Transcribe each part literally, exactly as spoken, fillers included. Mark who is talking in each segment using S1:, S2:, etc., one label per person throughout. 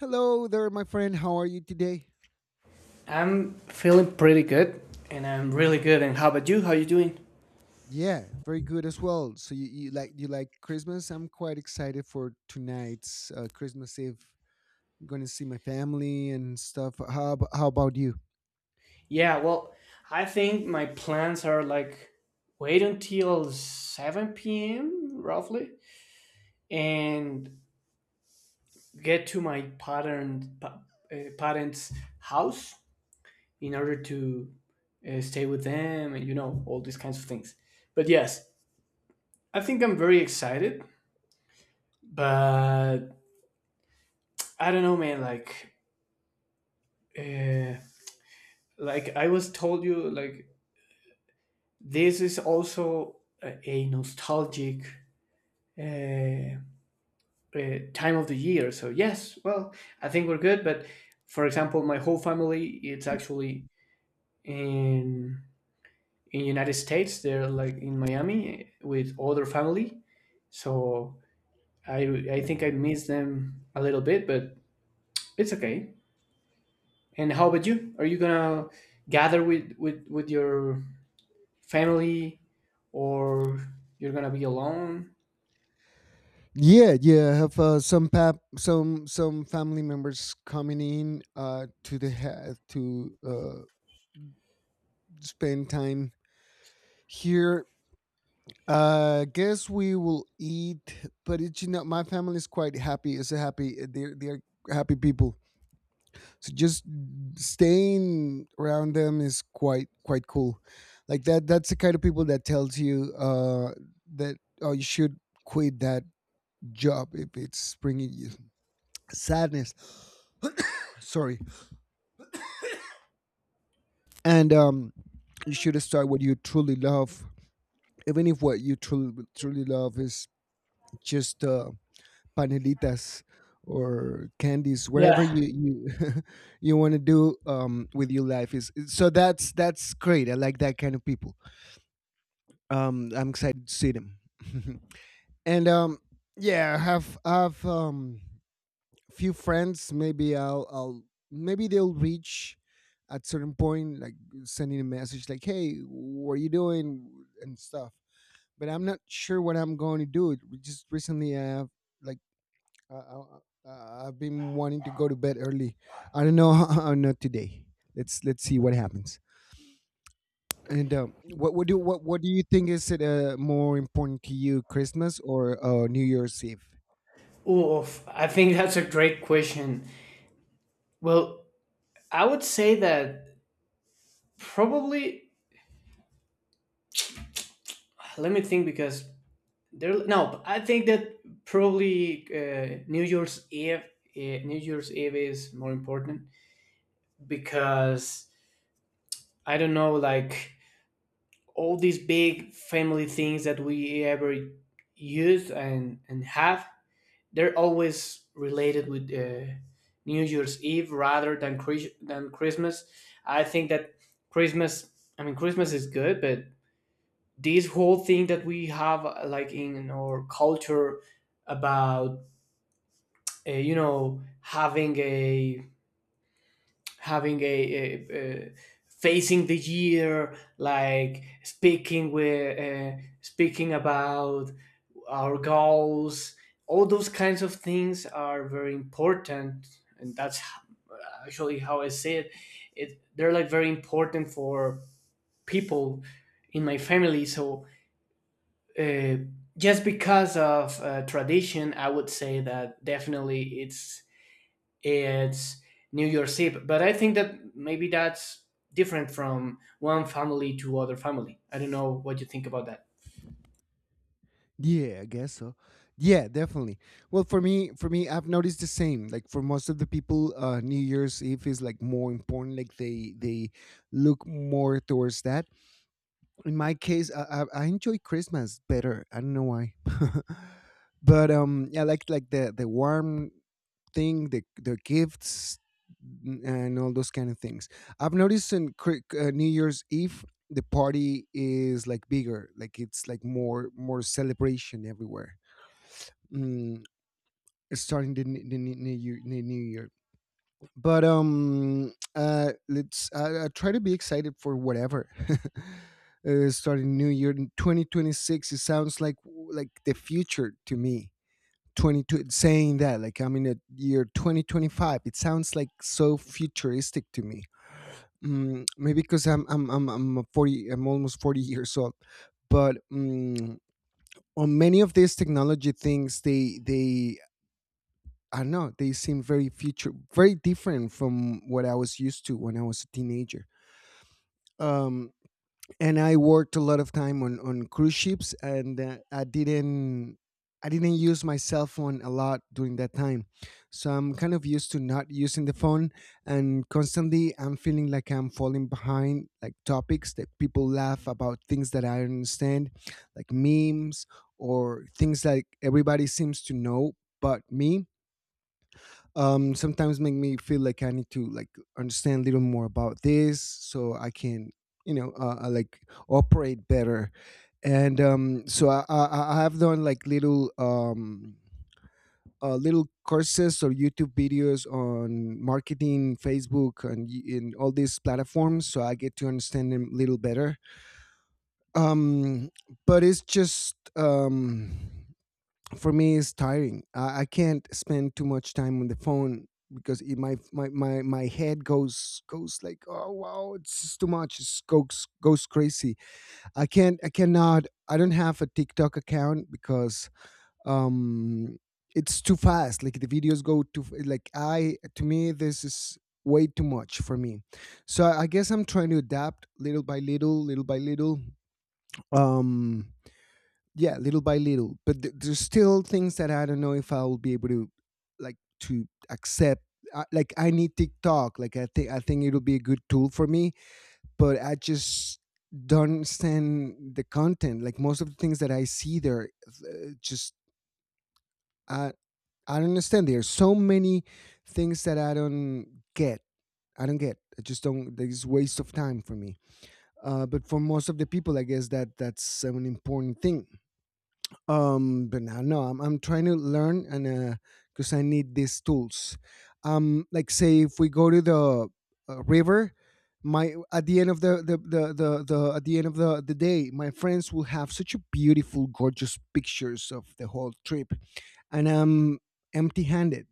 S1: Hello there, my friend. How are you today?
S2: I'm feeling pretty good, and I'm really good. And how about you? How you doing?
S1: Yeah, very good as well. So you, you like you like Christmas? I'm quite excited for tonight's uh, Christmas Eve. I'm gonna see my family and stuff. How ab- how about you?
S2: Yeah, well, I think my plans are like wait until seven p m roughly and get to my pattern pa- uh, parents' house in order to uh, stay with them and you know all these kinds of things. But yes, I think I'm very excited, but I don't know, man. Like, uh, like I was told you, like this is also a, a nostalgic uh, uh, time of the year. So yes, well, I think we're good. But for example, my whole family it's actually in in United States. They're like in Miami with other family. So I I think I miss them a little bit, but it's okay. And how about you? Are you gonna gather with with with your family, or you're gonna be alone?
S1: Yeah, yeah. I have uh, some pap some some family members coming in uh, to the ha- to uh, spend time here. Uh, guess we will eat, but it's you know my family is quite happy. It's a happy. They're they're happy people, so just staying around them is quite quite cool, like that that's the kind of people that tells you uh that, oh, you should quit that job if it's bringing you sadness, sorry, and um you should start what you truly love, even if what you truly truly love is just uh panelitas or candies, whatever
S2: Yeah.
S1: you you you want to do um with your life. Is so that's that's great. I like that kind of people. Um, I'm excited to see them. and um, yeah, I have I have um few friends. Maybe I'll I'll maybe they'll reach at certain point, like sending a message like, "Hey, what are you doing?" and stuff. But I'm not sure what I'm going to do. We just recently, I have like uh, uh, uh, I've been wanting to go to bed early. I don't know. Not today. Let's let's see what happens. And um, what what do what what do you think, is it uh, more important to you, Christmas or uh, New Year's Eve?
S2: Oof, I think that's a great question. Well, I would say that probably, let me think because there, no, I think that probably uh, New Year's Eve, uh, New Year's Eve is more important because I don't know, like all these big family things that we ever use and, and have. They're always related with uh, New Year's Eve rather than Chris- than Christmas. I think that Christmas, I mean Christmas is good, but this whole thing that we have uh, like in our culture about uh, you know having a having a, a, a facing the year, like speaking with uh, speaking about our goals. All those kinds of things are very important, and that's h- actually how I see it. It they're like very important for people in my family. So uh, just because of uh, tradition, I would say that definitely it's it's New Year's Eve. But I think that maybe that's different from one family to other family. I don't know what you think about that.
S1: Yeah, I guess so. Yeah, definitely. Well, for me, for me, I've noticed the same. Like for most of the people, uh, New Year's Eve is like more important. Like they they look more towards that. In my case, I, I, I enjoy Christmas better. I don't know why, but um, I like like the the warm thing, the the gifts, n- and all those kind of things. I've noticed in Cri- uh, New Year's Eve, the party is like bigger, like it's like more more celebration everywhere. Mm, starting the, n- the n- new year, the new year, but um, uh, let's I, I try to be excited for whatever. Uh, starting new year in twenty twenty-six, it sounds like like the future to me. twenty-two saying that like I'm in a year twenty twenty-five, it sounds like so futuristic to me. Mm, maybe because i'm i'm i'm, I'm a forty i'm almost forty years old, but mm, on many of these technology things, they they I don't know, they seem very future, very different from what I was used to when I was a teenager. Um, and I worked a lot of time on on cruise ships, and uh, I didn't I didn't use my cell phone a lot during that time, so I'm kind of used to not using the phone, and constantly I'm feeling like I'm falling behind, like topics that people laugh about, things that I don't understand, like memes or things like everybody seems to know but me. Um, sometimes make me feel like I need to like understand a little more about this so I can, you know, uh, uh, like operate better. And um so i i, I have done like little um uh, little courses or YouTube videos on marketing, Facebook, and y- in all these platforms, so I get to understand them a little better. um but it's just, um, for me is tiring. I, I can't spend too much time on the phone because it, my, my my my head goes goes like, oh, wow, it's just too much, it goes goes crazy. I can't I cannot I don't have a TikTok account because um it's too fast. Like the videos go too f- like, I to me this is way too much for me. So I guess I'm trying to adapt little by little, little by little. Um yeah, little by little, but th- there's still things that I don't know if I'll be able to like to accept. I, like I need TikTok, like i think i think it'll be a good tool for me, but I just don't understand the content. Like most of the things that I see there, uh, just i I don't understand, there's so many things that I don't get, I don't get I just don't there's waste of time for me, uh, but for most of the people, I guess that that's an important thing. Um but now no, I'm I'm trying to learn, and uh because I need these tools. Um, like, say if we go to the uh, river, my at the end of the the, the the the at the end of the the day my friends will have such a beautiful gorgeous pictures of the whole trip, and I'm empty handed.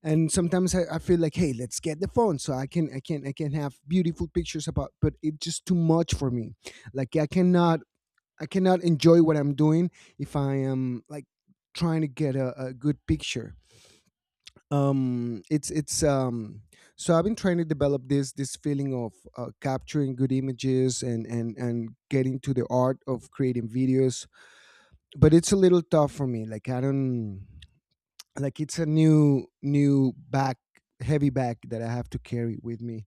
S1: And sometimes I, I feel like, hey, let's get the phone so I can i can i can have beautiful pictures about, but it's just too much for me. Like I cannot I cannot enjoy what I'm doing if I am like trying to get a, a good picture. Um, it's it's um, So I've been trying to develop this this feeling of uh, capturing good images and and and getting to the art of creating videos, but it's a little tough for me. Like I don't, like, it's a new new back, heavy back that I have to carry with me,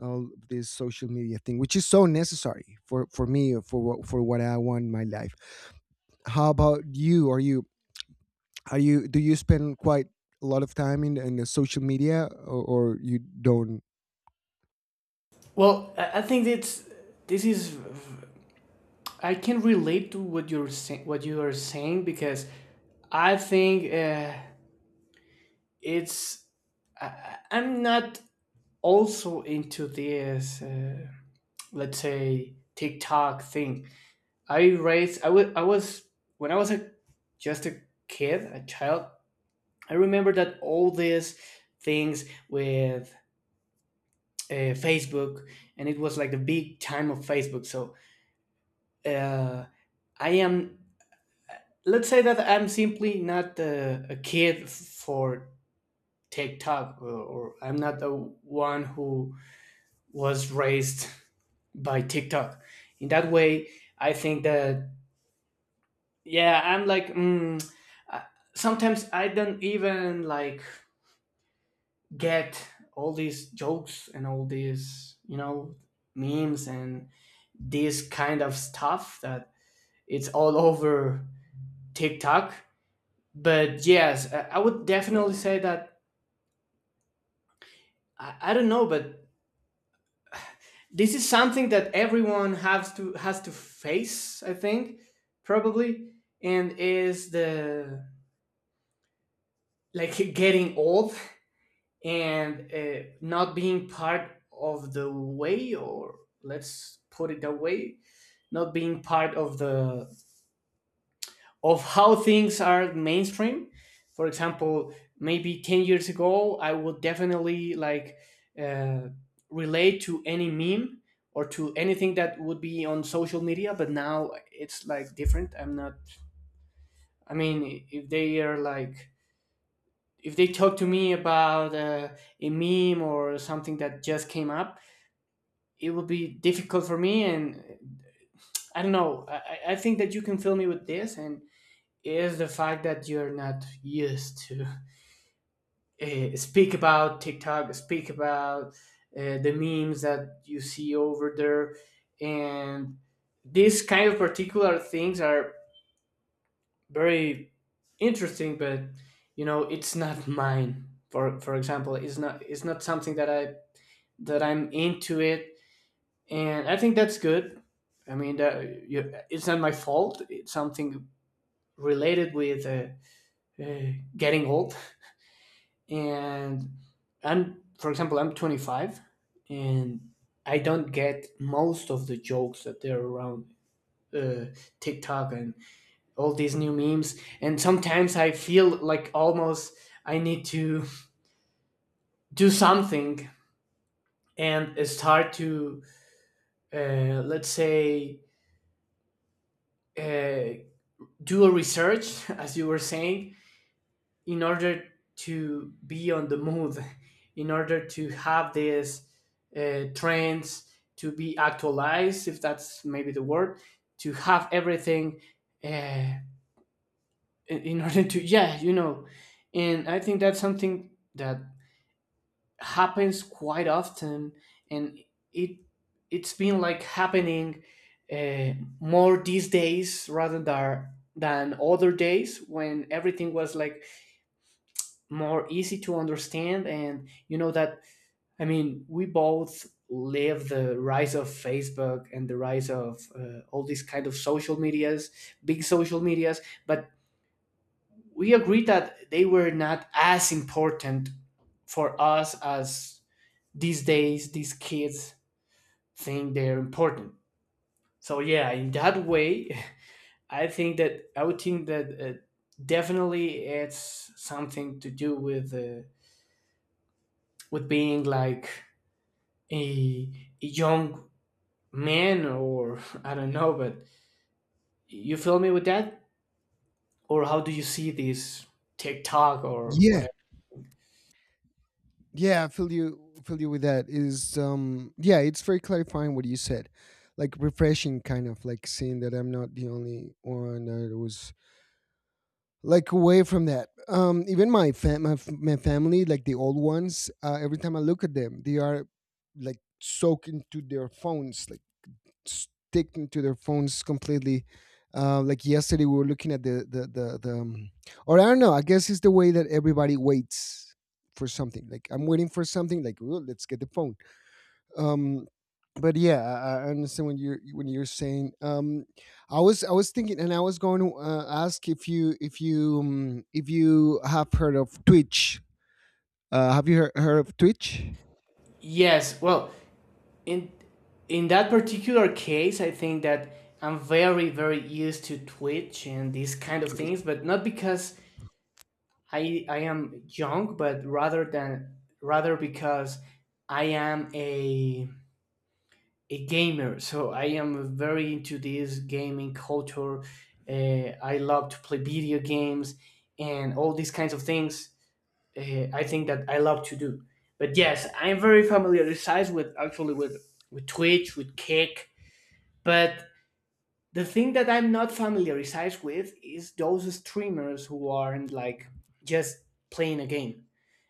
S1: all this social media thing, which is so necessary for for me or for what for what I want in my life. How about you? Are you are you, do you spend quite a lot of time in, in the social media, or, or you don't?
S2: Well, I I think it's this is I can relate to what you're saying. What you are saying because I think uh, it's I, I- I'm not also into this uh, let's say TikTok thing. I raised I was I was when I was a just a kid, a child. I remember that all these things with uh, Facebook, and it was like the big time of Facebook. So uh, I am, let's say that I'm simply not uh, a kid for TikTok, or, or I'm not the one who was raised by TikTok. In that way, I think that yeah, I'm like mm, uh, sometimes I don't even like get all these jokes and all these you know memes and this kind of stuff that it's all over TikTok. But yes, I I would definitely say that I, I don't know, but this is something that everyone has to has to face. I think probably and is the like getting old, and uh, not being part of the way, or let's put it that way, not being part of the of how things are mainstream. For example, maybe ten years ago I would definitely like uh, relate to any meme or to anything that would be on social media, but now it's like different. I'm not, I mean, if they are like if they talk to me about uh, a meme or something that just came up, it would be difficult for me. And I don't know, i, I think that you can fill me with this, and is the fact that you're not used to uh, speak about TikTok, speak about uh, the memes that you see over there. And these kind of particular things are very interesting, but you know it's not mine. for for example, it's not, it's not something that i that i'm into it. And I think that's good. I mean, that, you, it's not my fault. It's something related with uh, uh, getting old. And I'm, for example, I'm twenty-five, and I don't get most of the jokes that they're around uh, TikTok and all these new memes. And sometimes I feel like almost I need to do something and start to, uh, let's say, uh, do a research, as you were saying, in order to be on the move, in order to have these uh, trends to be actualized, if that's maybe the word, to have everything uh, in in order to, yeah, you know. And I think that's something that happens quite often and it it's been like happening uh, more these days rather than than other days when everything was like more easy to understand. And you know that, I mean, we both live the rise of Facebook and the rise of uh, all these kind of social medias, big social medias, but we agree that they were not as important for us as these days these kids think they're important. So yeah, in that way, I think that I would think that uh, definitely it's something to do with uh, with being like a, a young man, or I don't know, but you feel me with that? Or how do you see this TikTok or
S1: Yeah,
S2: whatever?
S1: yeah, i feel you feel you with that. Is um Yeah, it's very clarifying what you said. Like refreshing, kind of, like seeing that I'm not the only one that was like away from that. Um, even my fam- my, f- my family, like the old ones, uh, every time I look at them, they are like soaked into their phones, like stick into their phones completely. Uh, like yesterday, we were looking at the the the, the um, or I don't know. I guess it's the way that everybody waits for something. Like I'm waiting for something. Like, "Ooh, let's get the phone." Um, but yeah, I, I understand when you're when you're saying. Um, I was I was thinking, and I was going to uh, ask if you, if you um, if you have heard of Twitch. Uh, have you heard, heard of Twitch?
S2: Yes, well, in in that particular case, I think that I'm very very used to Twitch and these kind of things, but not because I I am young, but rather than rather because I am a a gamer. So I am very into this gaming culture. Uh, I love to play video games and all these kinds of things. Uh, I think that I love to do. But yes, I'm very familiarized with actually with with Twitch, with Kick, but the thing that I'm not familiarized with is those streamers who aren't like just playing a game.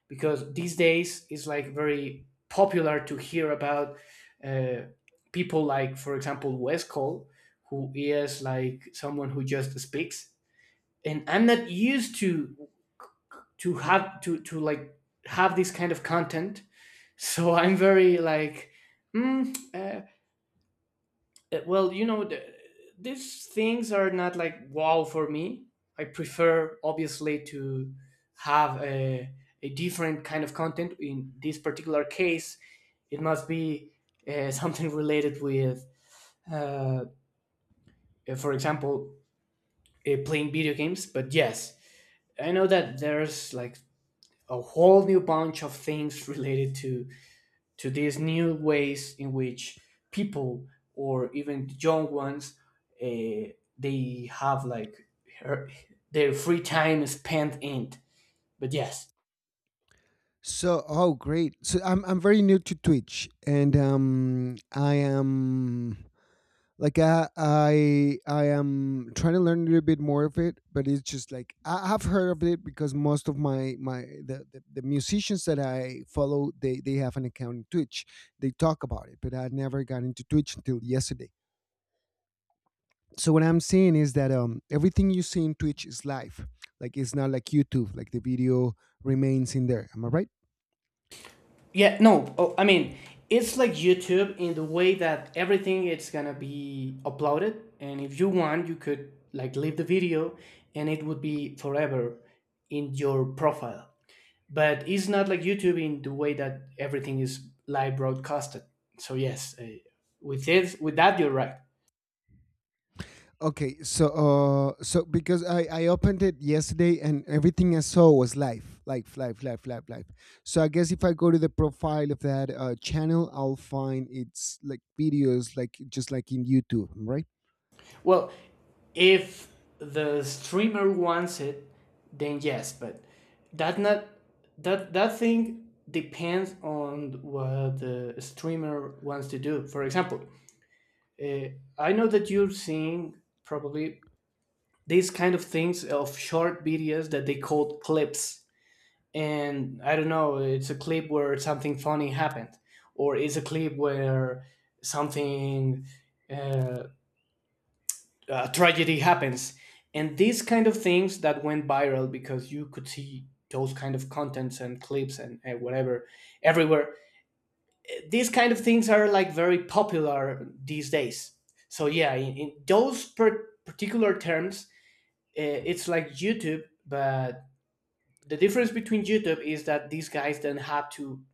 S2: Because these days it's like very popular to hear about uh, people like, for example, Wes Cole, who is like someone who just speaks. And I'm not used to to have to to like have this kind of content. So I'm very like, mm, uh, Uh, well, you know, the, these things are not like wow for me. I prefer, obviously, to have a, a different kind of content. In this particular case, it must be uh, something related with, uh, uh, for example, uh, playing video games. But yes, I know that there's like a whole new bunch of things related to to these new ways in which people, or even the young ones, uh, they have like her, their free time is spent in, but yes.
S1: So, oh, great. So I'm I'm very new to Twitch, and um, I am like I, I I am trying to learn a little bit more of it, but it's just like I have heard of it because most of my my the, the, the musicians that I follow, they they have an account in Twitch, they talk about it, but I never got into Twitch until yesterday. So what I'm seeing is that, um, everything you see in Twitch is live, like it's not like YouTube, like the video remains in there, am I right?
S2: Yeah no oh, i mean it's like YouTube in the way that everything it's gonna be uploaded, and if you want you could like leave the video and it would be forever in your profile. But it's not like YouTube in the way that everything is live broadcasted. So yes, uh, with it, with that you're right.
S1: Okay, so uh, so because I I opened it yesterday and everything I saw was live, live, live, live, live, live. So I guess if I go to the profile of that uh, channel, I'll find it's like videos, like just like in YouTube, right?
S2: Well, if the streamer wants it, then yes, but that not that that thing depends on what the streamer wants to do. For example, uh, I know that you're seeing probably these kind of things of short videos that they call clips. And I don't know, it's a clip where something funny happened, or it's a clip where something uh, a tragedy happens, and these kind of things that went viral because you could see those kind of contents and clips and, and whatever everywhere. Eh, These kind of things are like very popular these days. So yeah, in, in those per- particular terms, uh, it's like YouTube, but the difference between YouTube is that these guys don't have to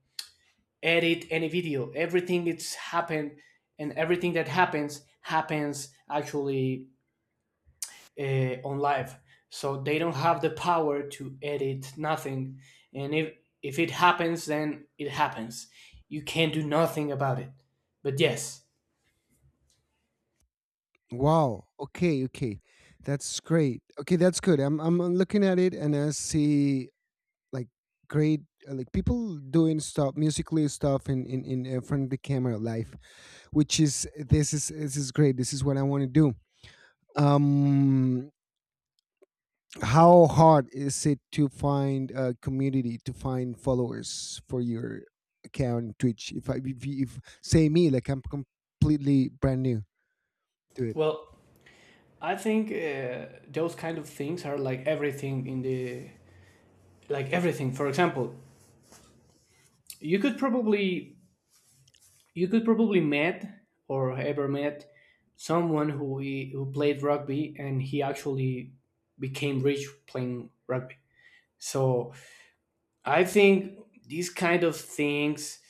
S2: edit any video. Everything that's happened and everything that happens happens actually uh, on live. So they don't have the power to edit nothing, and if if it happens then it happens. You can't do nothing about it, but yes.
S1: Wow. Okay. Okay, that's great. Okay, that's good. I'm I'm I'm looking at it and I see like great, uh, like people doing stuff, musically stuff in in in uh, front of the camera live, which is, this is this is great. This is what I want to do. Um, how hard is it to find a community, to find followers for your account on Twitch, if I, if, you- if say me, like I'm completely brand new to it?
S2: Well, I think uh, those kind of things are like everything in the like everything. For example, you could probably you could probably met or ever met someone who who played rugby and he actually became rich playing rugby. So I think these kind of things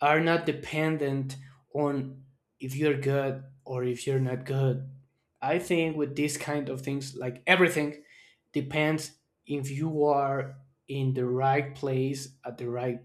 S2: are not dependent on if you're good or if you're not good. I think with these kind of things, like everything, depends if you are in the right place at the right